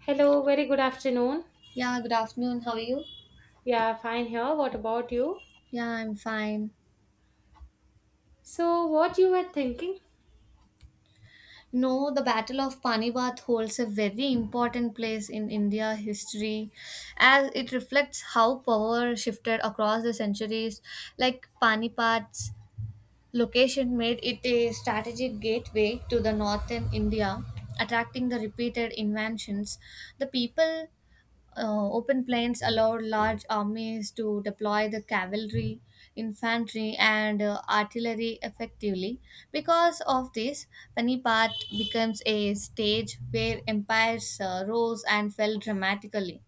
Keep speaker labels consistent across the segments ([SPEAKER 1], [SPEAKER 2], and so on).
[SPEAKER 1] Hello, very good afternoon.
[SPEAKER 2] Yeah, good afternoon. How are you?
[SPEAKER 1] Yeah, fine here. What about you?
[SPEAKER 2] Yeah, I'm fine.
[SPEAKER 1] So, what you were thinking?
[SPEAKER 2] The Battle of Panipat holds a very important place in India history as it reflects how power shifted across the centuries. Like Panipat Location made it a strategic gateway to the northern India, attracting the repeated invasions. The people open plains allowed large armies to deploy the cavalry, infantry, and artillery effectively. Because of this, Panipat becomes a stage where empires rose and fell dramatically.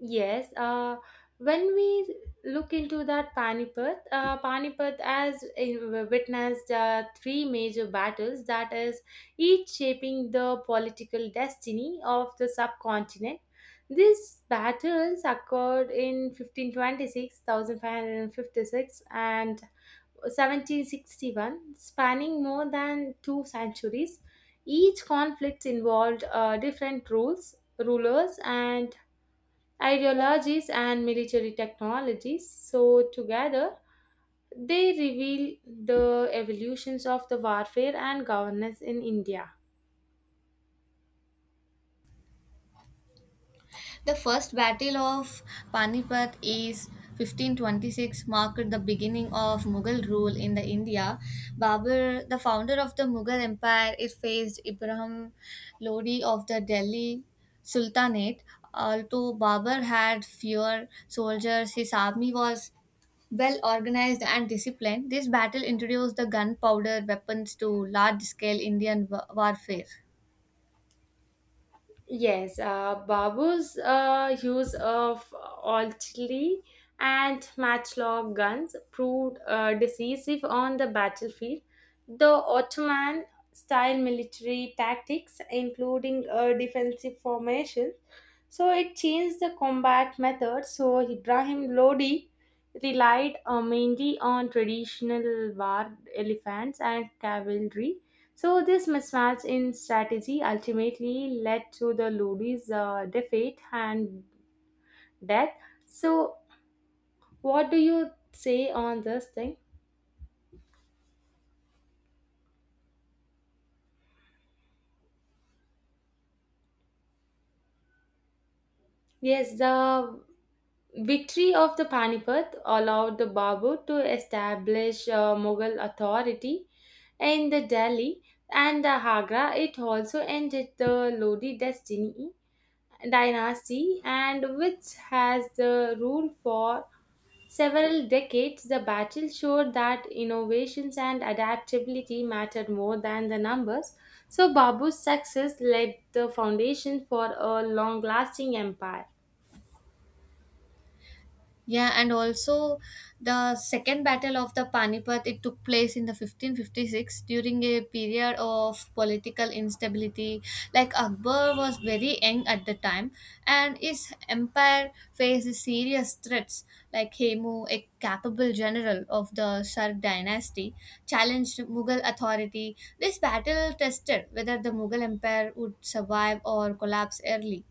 [SPEAKER 1] Yes, when we look into that Panipat, Panipat as witnessed three major battles that is each shaping the political destiny of the subcontinent. These battles occurred in 1526, 1556 and 1761, spanning more than two centuries. Each conflict involved different rulers, and ideologies and military technologies. So, together, they reveal the evolutions of the warfare and governance in India.
[SPEAKER 2] The first battle of Panipat is 1526 marked the beginning of Mughal rule in the India. Babur, the founder of the Mughal Empire, it faced Ibrahim Lodi of the Delhi Sultanate. Although Babur had fewer soldiers, his army was well organized and disciplined. This battle introduced the gunpowder weapons to large scale Indian warfare.
[SPEAKER 1] Yes, Babus use of artillery and matchlock guns proved decisive on the battlefield. The Ottoman style military tactics, including defensive formations, so it changed the combat method. So Ibrahim Lodi relied mainly on traditional war elephants and cavalry, so this mismatch in strategy ultimately led to the Lodi's defeat and death. So what do you say on this thing? Yes, the victory of the Panipat allowed the Babur to establish Mughal authority in the Delhi and the Agra. It also ended the Lodi destiny dynasty and which has the rule for several decades. The battle showed that innovations and adaptability mattered more than the numbers, so Babu's success laid the foundation for a long lasting empire.
[SPEAKER 2] Yeah, and also the second battle of the Panipat it took place in the 1556 during a period of political instability. Like Akbar was very young at the time, and his empire faced serious threats. Like Hemu, a capable general of the Shah dynasty, challenged Mughal authority. This battle tested whether the Mughal empire would survive or collapse early.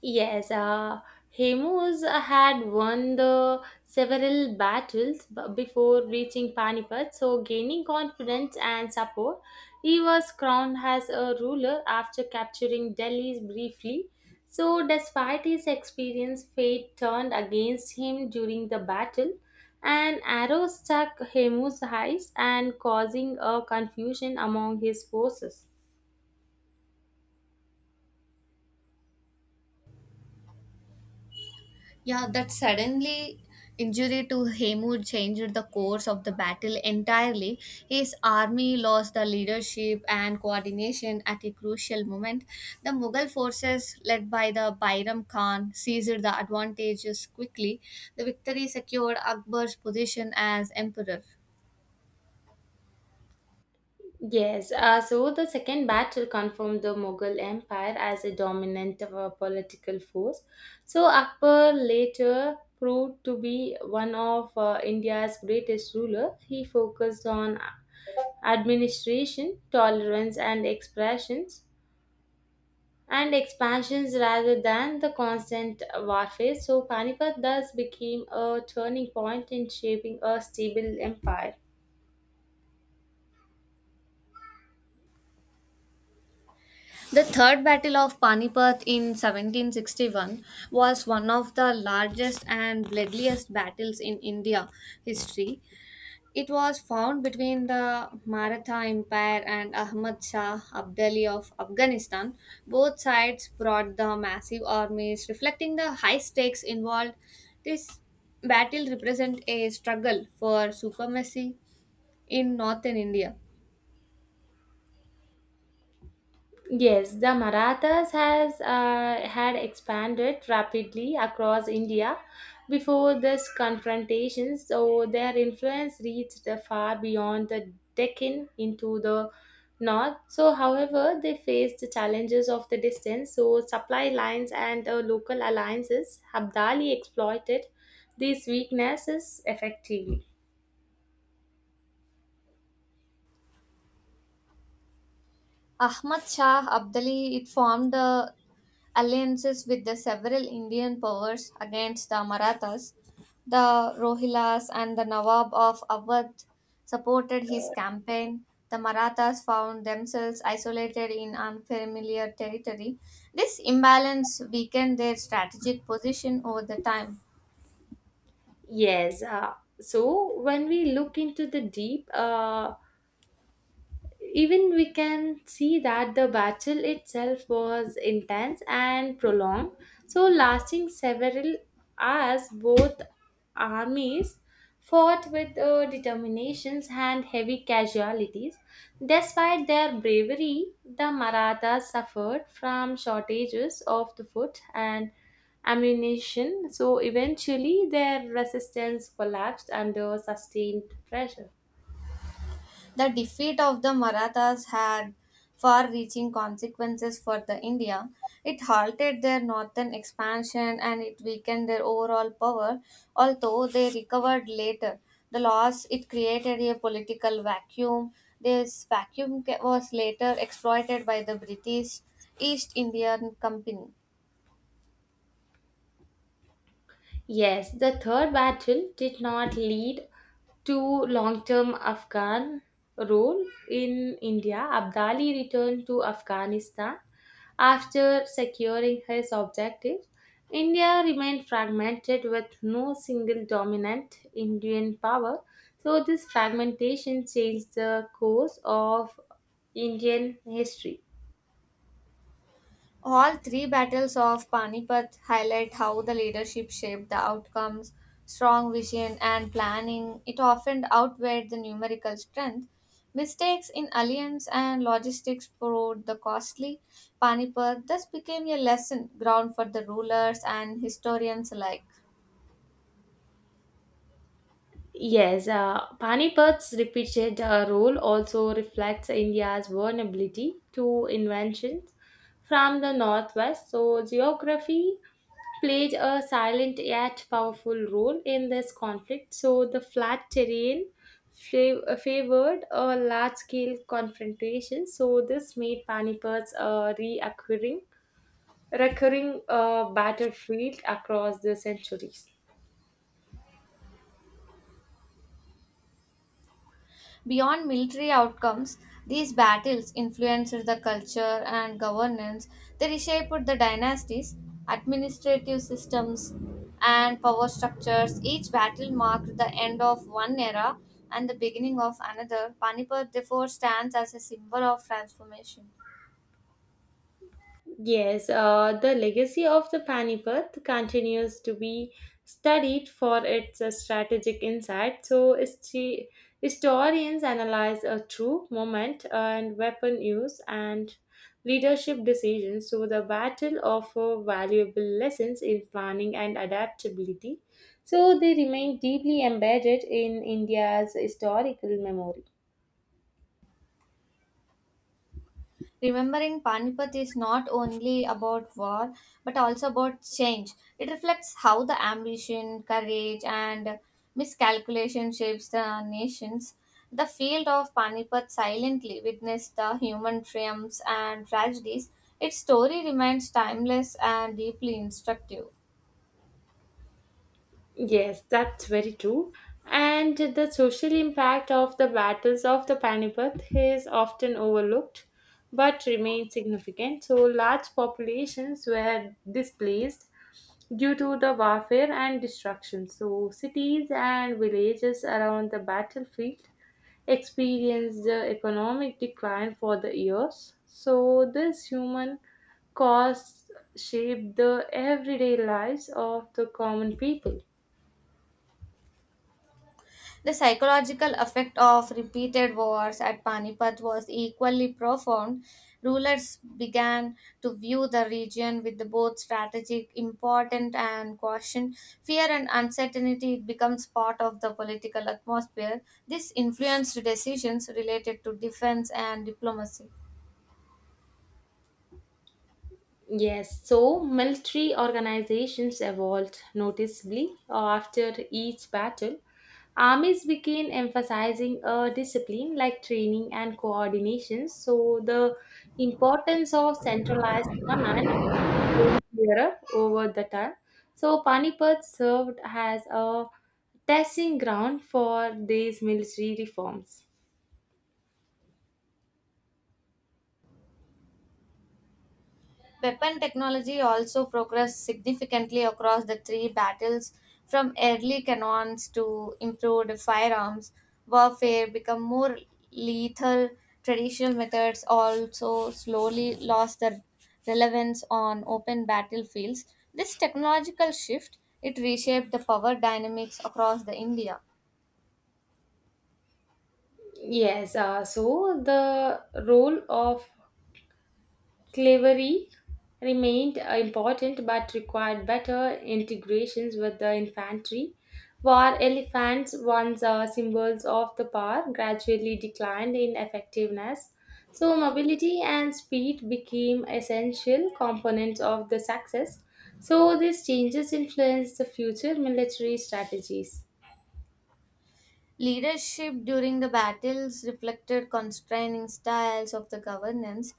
[SPEAKER 1] Yes, Hemus had won the several before reaching Panipat, so gaining confidence and support, he was crowned as a ruler after capturing Delhi briefly. So, despite his experience, fate turned against him during the battle. An arrow struck Hemus' eyes and causing a confusion among his forces.
[SPEAKER 2] Yeah, that suddenly injury to Hemud changed the course of the battle entirely. His army lost the leadership and coordination at a crucial moment. The Mughal forces, led by the Bairam Khan, seized the advantages quickly. The victory secured Akbar's position as emperor.
[SPEAKER 1] Yes, so the second battle confirmed the Mughal Empire as a dominant political force. So Akbar later proved to be one of India's greatest ruler. He focused on administration, tolerance, and expressions and expansions rather than the constant warfare. So Panipat thus became a turning point in shaping a stable empire.
[SPEAKER 2] The Third Battle of Panipat in 1761 was one of the largest and bloodiest battles in India history. It was found between the Maratha Empire and Ahmad Shah Abdali of Afghanistan. Both sides brought the massive armies, reflecting the high stakes involved. This battle represents a struggle for supremacy in northern India.
[SPEAKER 1] Yes, the Marathas has had expanded rapidly across India before this confrontation, so their influence reached far beyond the Deccan into the north. So, however, they faced the challenges of the distance, so supply lines and local alliances. Abdali exploited these weaknesses effectively.
[SPEAKER 2] Ahmad Shah Abdali it formed the alliances with the several Indian powers against the Marathas. The Rohilas and the Nawab of Awadh supported his campaign. The Marathas found themselves isolated in unfamiliar territory. This imbalance weakened their strategic position over the time.
[SPEAKER 1] Yes. So when we look into the deep, even we can see that the battle itself was intense and prolonged, so lasting several hours. Both armies fought with determinations and heavy casualties. Despite their bravery, the marathas suffered from shortages of the food and ammunition, so eventually their resistance collapsed under sustained pressure.
[SPEAKER 2] The defeat of the Marathas had far reaching consequences for the India. It halted their northern expansion and it weakened their overall power, although they recovered later. The loss it created a political vacuum. This vacuum was later exploited by the British East Indian Company.
[SPEAKER 1] Yes, the third battle did not lead to long-term Afghan rule in India. Abdali returned to Afghanistan after securing his objectives. India remained fragmented with no single dominant Indian power. So this fragmentation changed the course of Indian history.
[SPEAKER 2] All three battles of Panipat highlight how the leadership shaped the outcomes, strong vision and planning. It often outweighed the numerical strength. Mistakes in alliance and logistics proved the costly. Panipat thus became a lesson ground for the rulers and historians alike.
[SPEAKER 1] Yes, Panipad's repeated role also reflects India's vulnerability to inventions from the northwest. So, geography played a silent yet powerful role in this conflict. So, the flat terrain favored a large scale confrontation. So, this made Panipad's a reoccurring recurring battlefield across the centuries.
[SPEAKER 2] Beyond military outcomes, these battles influenced the culture and governance. They reshaped the dynasties, administrative systems, and power structures. Each battle marked the end of one era and the beginning of another. Panipat therefore stands as a symbol of transformation.
[SPEAKER 1] Yes, the legacy of the Panipat continues to be studied for its strategic insight. So, historians analyze a true moment and weapon use and leadership decisions. So, the battle offers valuable lessons in planning and adaptability. So, they remain deeply embedded in India's historical memory.
[SPEAKER 2] Remembering Panipat is not only about war but also about change. It reflects how the ambition, courage, and miscalculation shapes the nations. The field of Panipat silently witnessed the human triumphs and tragedies. Its story remains timeless and deeply instructive.
[SPEAKER 1] Yes, that's very true. And the social impact of the battles of the Panipat is often overlooked but remains significant. So, large populations were displaced due to the warfare and destruction. So, cities and villages around the battlefield experienced the economic decline for the years. So, this human cost shaped the everyday lives of the common people.
[SPEAKER 2] The psychological effect of repeated wars at Panipat was equally profound. Rulers began to view the region with both strategic importance and caution. Fear and uncertainty becomes part of the political atmosphere. This influenced decisions related to defense and diplomacy.
[SPEAKER 1] Yes, so military organizations evolved noticeably after each battle. Armies began emphasizing a discipline like training and coordination, so the importance of centralized command became clearer over the time. So Panipat served as a testing ground for these military reforms.
[SPEAKER 2] Weapon technology also progressed significantly across the three battles, from early cannons to improved firearms. Warfare became more lethal. Traditional methods also slowly lost their relevance on open battlefields. This technological shift it reshaped the power dynamics across the India.
[SPEAKER 1] Yes, so the role of slavery remained important but required better integrations with the infantry. War elephants, once symbols of the power, gradually declined in effectiveness. So, mobility and speed became essential components of the success. So, these changes influenced the future military strategies.
[SPEAKER 2] Leadership during the battles reflected constraining styles of the governance.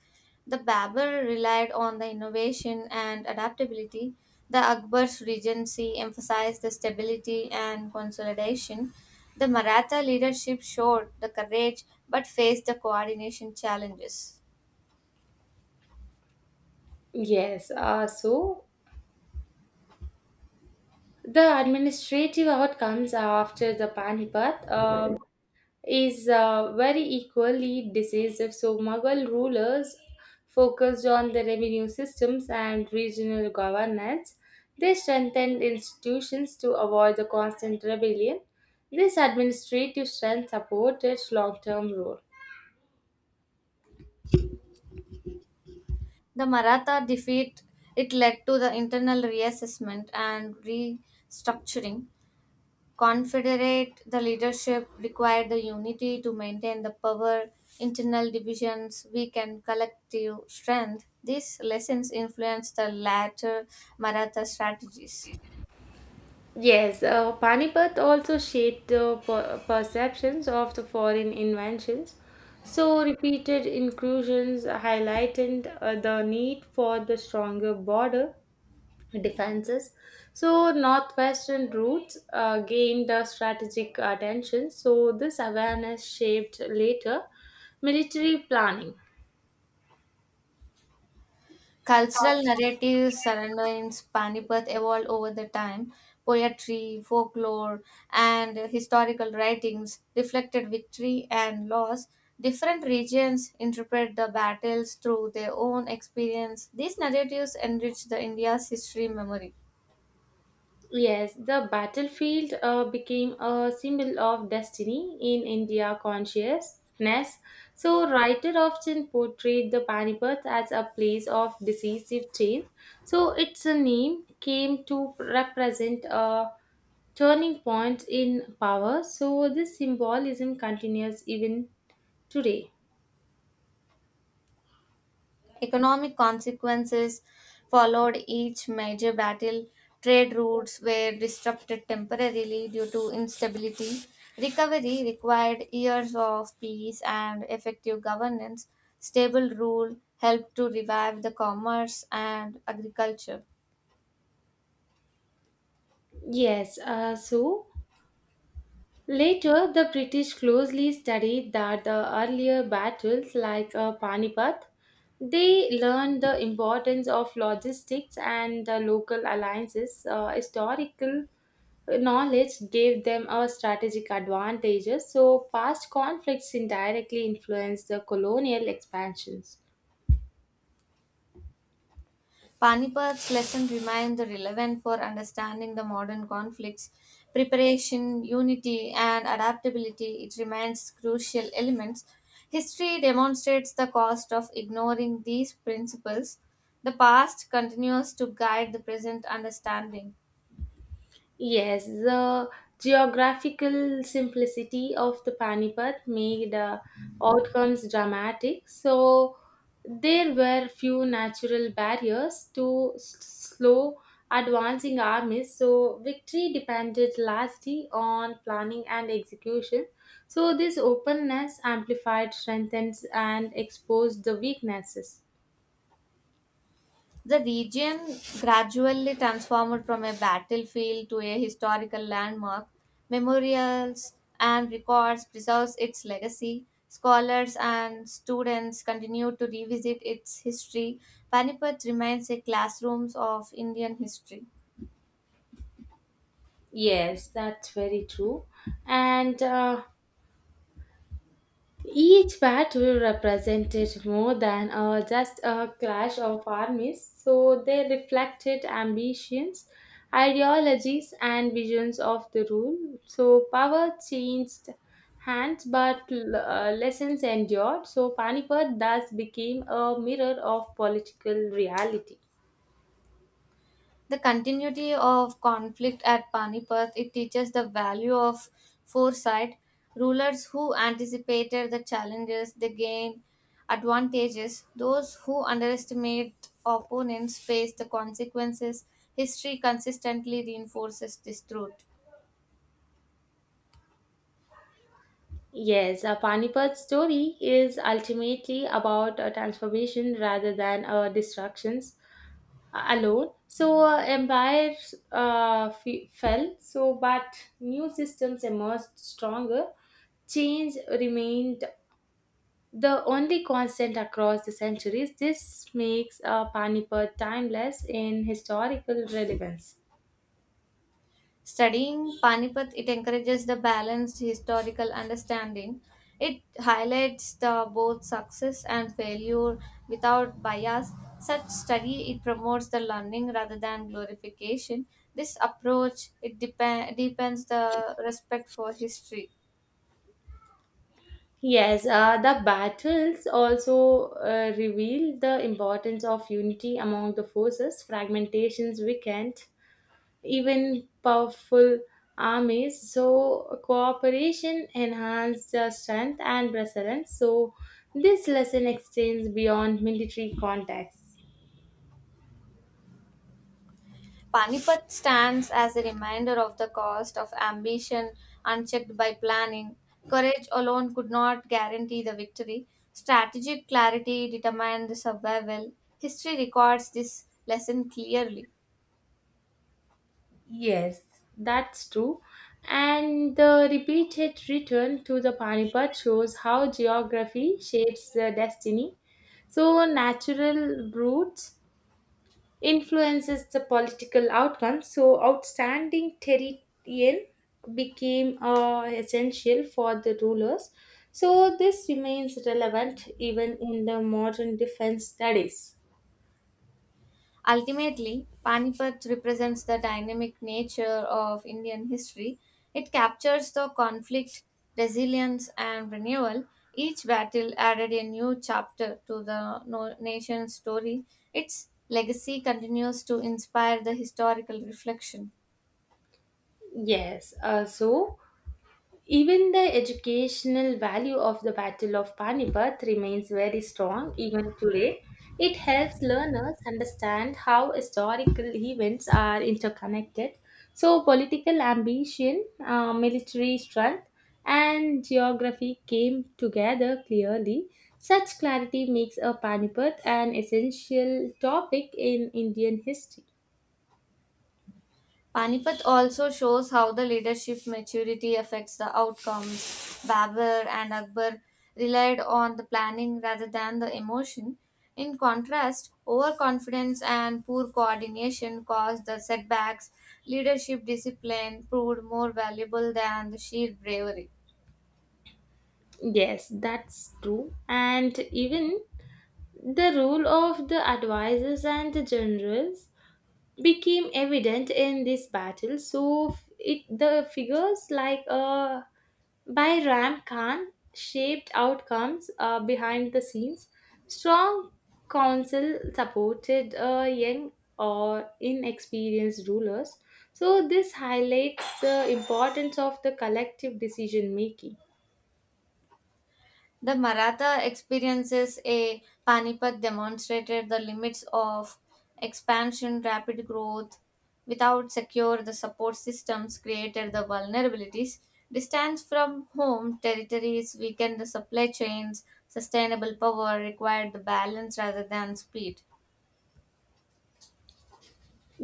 [SPEAKER 2] The Babur relied on the innovation and adaptability. The Akbar's regency emphasized the stability and consolidation. The Maratha leadership showed the courage but faced the coordination challenges.
[SPEAKER 1] Yes, so the administrative outcomes after the Panipat. Is very equally decisive. So, Mughal rulers focused on the revenue systems and regional governance. They strengthened institutions to avoid the constant rebellion. This administrative strength supported long term rule.
[SPEAKER 2] The Maratha defeat it led to the internal reassessment and restructuring. Confederate, the leadership required the unity to maintain the power, internal divisions weakened collective strength. These lessons influenced the later Maratha strategies.
[SPEAKER 1] Yes, Panipat also shaped the perceptions of the foreign inventions. So, repeated incursions highlighted the need for the stronger border defenses. So, Northwestern routes gained strategic attention, so this awareness shaped later military planning.
[SPEAKER 2] Cultural narratives surrounding Panipat evolved over the time. Poetry, folklore, and historical writings reflected victory and loss. Different regions interpret the battles through their own experience. These narratives enrich the India's history memory.
[SPEAKER 1] Yes, the battlefield became a symbol of destiny in India consciousness. So, writer often portrayed the Panipat as a place of decisive change. So, its name came to represent a turning point in power. So, this symbolism continues even today.
[SPEAKER 2] Economic consequences followed each major battle. Trade routes were disrupted temporarily due to instability. Recovery required years of peace and effective governance. Stable rule helped to revive the commerce and agriculture.
[SPEAKER 1] Yes, so later, the British closely studied that the earlier battles, like Panipat, they learned the importance of logistics and the local alliances. Historical knowledge gave them a strategic advantages. So, past conflicts indirectly influenced the colonial expansions.
[SPEAKER 2] Panipad's lessons remain relevant for understanding the modern conflicts. Preparation, unity, and adaptability it remains crucial elements. History demonstrates the cost of ignoring these principles. The past continues to guide the present understanding.
[SPEAKER 1] Yes, the geographical simplicity of the Panipat made outcomes dramatic. So there were few natural barriers to slow advancing armies. So victory depended largely on planning and execution. So this openness amplified, strengthens, and exposed the weaknesses.
[SPEAKER 2] The region gradually transformed from a battlefield to a historical landmark. Memorials and records preserves its legacy. Scholars and students continue to revisit its history. Panipat remains a classroom of Indian history.
[SPEAKER 1] Yes, that's very true. And each battle represented more than just a clash of armies, so they reflected ambitions, ideologies, and visions of the rule. So power changed hands, but lessons endured. So Panipat thus became a mirror of political reality.
[SPEAKER 2] The continuity of conflict at Panipat it teaches the value of foresight. Rulers who anticipated the challenges they gained advantages. Those who underestimate opponents face the consequences. History consistently reinforces this truth.
[SPEAKER 1] Yes, a Panipat story is ultimately about a transformation rather than a destructions alone. So empires fell. So but new systems emerged stronger. Change remained the only constant across the centuries. This makes Panipat timeless in historical relevance.
[SPEAKER 2] Studying Panipat, it encourages the balanced historical understanding. It highlights the both success and failure without bias. Such study it promotes the learning rather than glorification. This approach it deepens the respect for history.
[SPEAKER 1] Yes, the battles also reveal the importance of unity among the forces. Fragmentations weakened even powerful armies. So, cooperation enhanced their strength and resilience. So, this lesson extends beyond military contexts.
[SPEAKER 2] Panipat stands as a reminder of the cost of ambition unchecked by planning. Courage alone could not guarantee the victory. Strategic clarity determined the survival. History records this lesson clearly.
[SPEAKER 1] Yes, that's true. And the repeated return to the Panipat shows how geography shapes the destiny. So, natural routes influences the political outcome. So, outstanding terrain became essential for the rulers. So, this remains relevant even in the modern defense studies.
[SPEAKER 2] Ultimately, Panipat represents the dynamic nature of Indian history. It captures the conflict, resilience, and renewal. Each battle added a new chapter to the nation's story. Its legacy continues to inspire the historical reflection.
[SPEAKER 1] Yes, so even the educational value of the Battle of Panipat remains very strong even today. It helps learners understand how historical events are interconnected. So, political ambition, military strength, and geography came together clearly. Such clarity makes a Panipat an essential topic in Indian history.
[SPEAKER 2] Panipat also shows how the leadership maturity affects the outcomes. Babur and Akbar relied on the planning rather than the emotion. In contrast, overconfidence and poor coordination caused the setbacks. Leadership discipline proved more valuable than the sheer bravery.
[SPEAKER 1] Yes, that's true. And even the role of the advisors and the generals became evident in this battle, so it, the figures like Bairam Khan shaped outcomes behind the scenes. Strong council supported young or inexperienced rulers, so this highlights the importance of the collective decision making.
[SPEAKER 2] The Maratha experiences a Panipat demonstrated the limits of expansion, rapid growth without secure the support systems created the vulnerabilities. Distance from home territories weakened the supply chains, sustainable power required the balance rather than speed.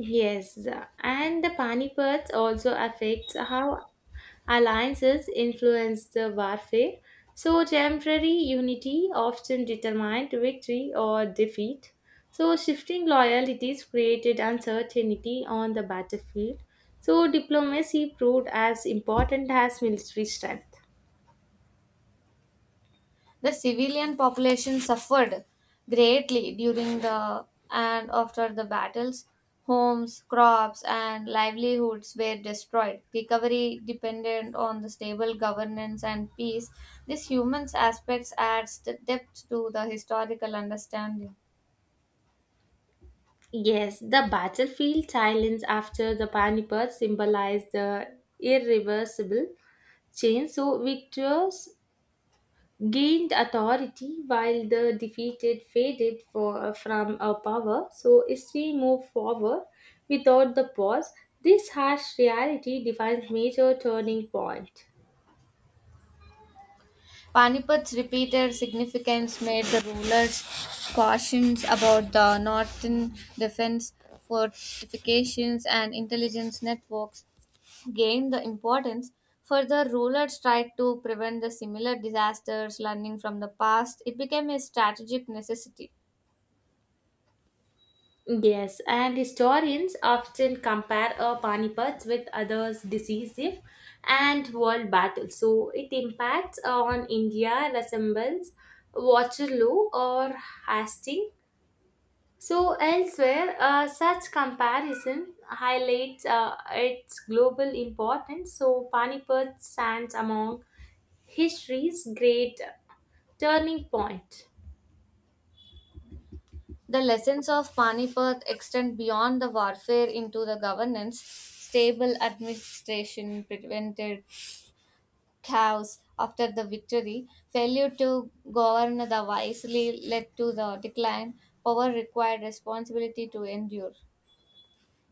[SPEAKER 1] Yes, and the panic also affects how alliances influenced the warfare, so temporary unity often determined victory or defeat. So shifting loyalties created uncertainty on the battlefield. So diplomacy proved as important as military strength.
[SPEAKER 2] The civilian population suffered greatly during the and after the battles. Homes, crops, and livelihoods were destroyed. Recovery depended on the stable governance and peace. This human aspects adds the depth to the historical understanding.
[SPEAKER 1] Yes, the battlefield silence after the panic symbolize the irreversible change. So victors gained authority while the defeated faded from a power. So history moved forward without the pause. This harsh reality defines major turning point.
[SPEAKER 2] Panipad's repeated significance made the rulers cautious about the northern defense fortifications and intelligence networks. Gained the importance. Further, rulers tried to prevent the similar disasters, learning from the past. It became a strategic necessity.
[SPEAKER 1] Yes, and historians often compare a Panipat with others decisive and world battles. So it impacts on India resembles Waterloo or Hastings. So elsewhere, such comparison highlights its global importance. So Panipat stands among history's great turning point.
[SPEAKER 2] The lessons of Panipat extend beyond the warfare into the governance. Stable administration prevented chaos after the victory. Failure to govern the wisely led to the decline. Power required responsibility to endure.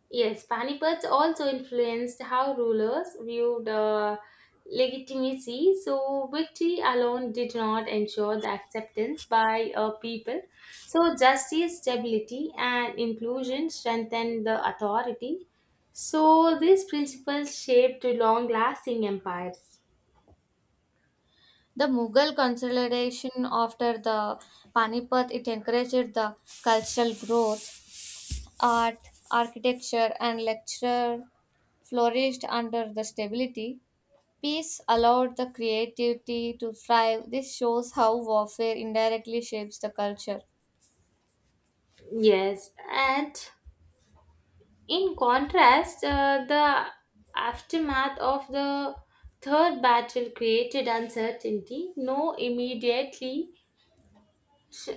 [SPEAKER 1] Yes, Panipat also influenced how rulers viewed legitimacy, so victory alone did not ensure the acceptance by a people. So, justice, stability, and inclusion strengthened the authority. So, these principles shaped long lasting empires.
[SPEAKER 2] The Mughal consolidation after the Panipat it encouraged the cultural growth, art, architecture, and lecture flourished under the stability. Peace allowed the creativity to thrive. This shows how warfare indirectly shapes the culture.
[SPEAKER 1] Yes, and in contrast, the aftermath of the Third Battle created uncertainty. No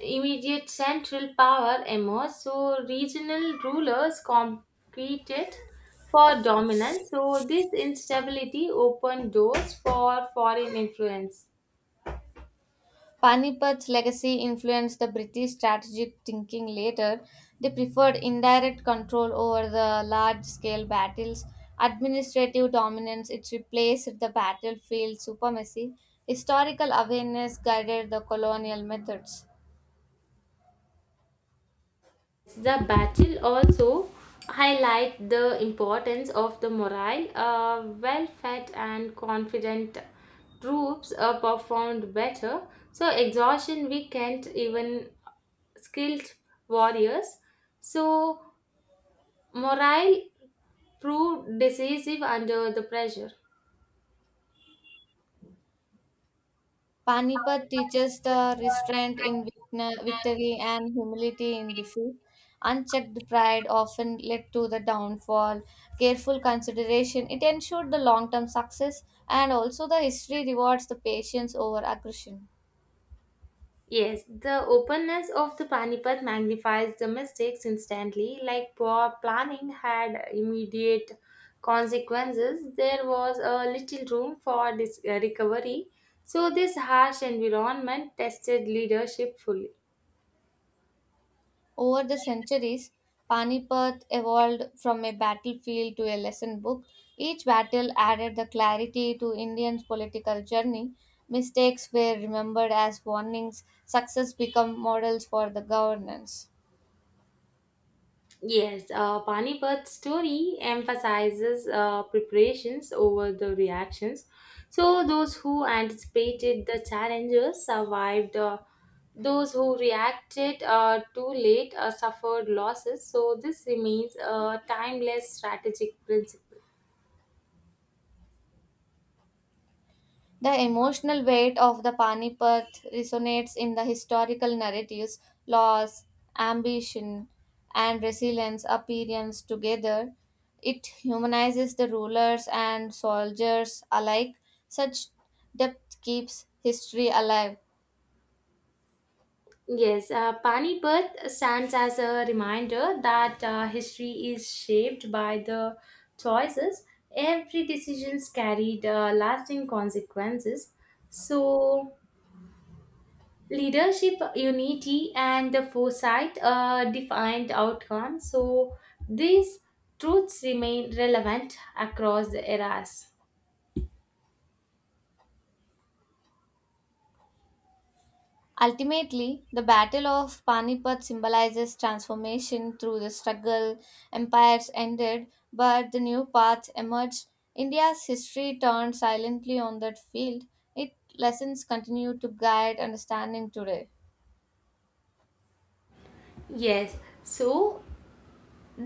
[SPEAKER 1] immediate central power emerged, so regional rulers competed for dominance. So this instability opened doors for foreign influence.
[SPEAKER 2] Panipat's legacy influenced the British strategic thinking later. They preferred indirect control over the large scale battles, administrative dominance, it replaced the battlefield supremacy. Historical awareness guided the colonial methods.
[SPEAKER 1] The battle also highlight the importance of the morale. Well-fed and confident troops performed better. So exhaustion weakened even skilled warriors. So morale proved decisive under the pressure.
[SPEAKER 2] Panipat teaches the restraint in victory and humility in defeat. Unchecked pride often led to the downfall. Careful consideration, it ensured the long term success, and also the history rewards the patience over aggression.
[SPEAKER 1] Yes, the openness of the Panipat magnifies the mistakes instantly. Like poor planning had immediate consequences, there was a little room for this recovery. So, this harsh environment tested leadership fully.
[SPEAKER 2] Over the centuries, Panipat evolved from a battlefield to a lesson book. Each battle added the clarity to Indians' political journey. Mistakes were remembered as warnings, success became models for the governance.
[SPEAKER 1] Yes, Panipad's story emphasizes preparations over the reactions. So, those who anticipated the challenges survived, those who reacted too late suffered losses. So, this remains a timeless strategic principle.
[SPEAKER 2] The emotional weight of the Panipat resonates in the historical narratives, loss, ambition, and resilience appearance together. It humanizes the rulers and soldiers alike. Such depth keeps history alive.
[SPEAKER 1] Yes, Panipat stands as a reminder that history is shaped by the choices. Every decision carried lasting consequences. So, leadership, unity, and the foresight defined outcomes. So, these truths remain relevant across the eras.
[SPEAKER 2] Ultimately, the Battle of Panipat symbolizes transformation through the struggle. Empires ended, but the new paths emerged. India's history turned silently on that field. Its lessons continue to guide understanding today.
[SPEAKER 1] Yes, so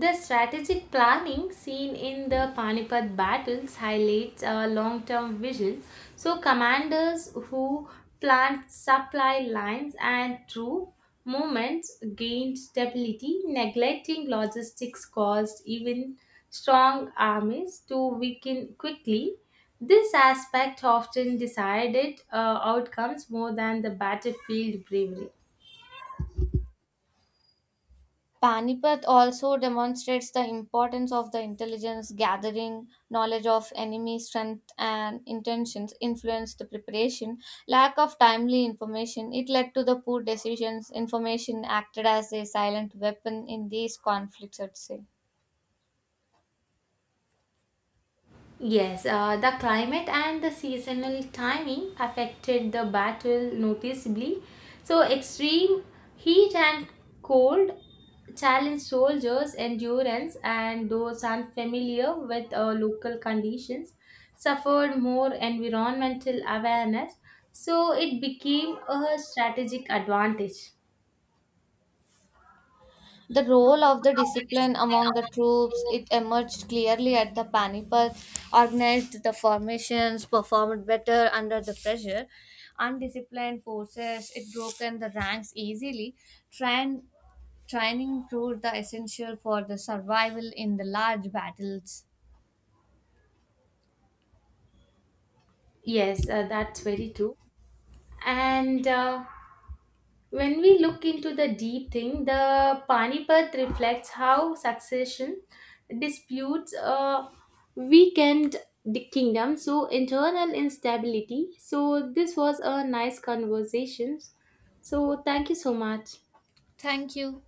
[SPEAKER 1] the strategic planning seen in the Panipat battles highlights a long term vision. So, commanders who planned supply lines and troop movements gained stability. Neglecting logistics caused even strong armies to weaken quickly. This aspect often decided outcomes more than the battlefield bravery.
[SPEAKER 2] Panipat also demonstrates the importance of the intelligence gathering, knowledge of enemy strength and intentions influenced the preparation. Lack of timely information it led to the poor decisions. Information acted as a silent weapon in these conflicts, I'd say.
[SPEAKER 1] Yes, the climate and the seasonal timing affected the battle noticeably. So, extreme heat and cold challenged soldiers' endurance, and those unfamiliar with local conditions suffered more environmental awareness. So, it became a strategic advantage.
[SPEAKER 2] The role of the discipline among the troops it emerged clearly at the Panipat, organized the formations, performed better under the pressure. Undisciplined forces it broken the ranks easily. Train, training proved the essential for the survival in the large battles.
[SPEAKER 1] Yes, that's very true. And when we look into the deep thing, the Panipat reflects how succession disputes weakened the kingdom, so internal instability. So, this was a nice conversation. So, thank you so much.
[SPEAKER 2] Thank you.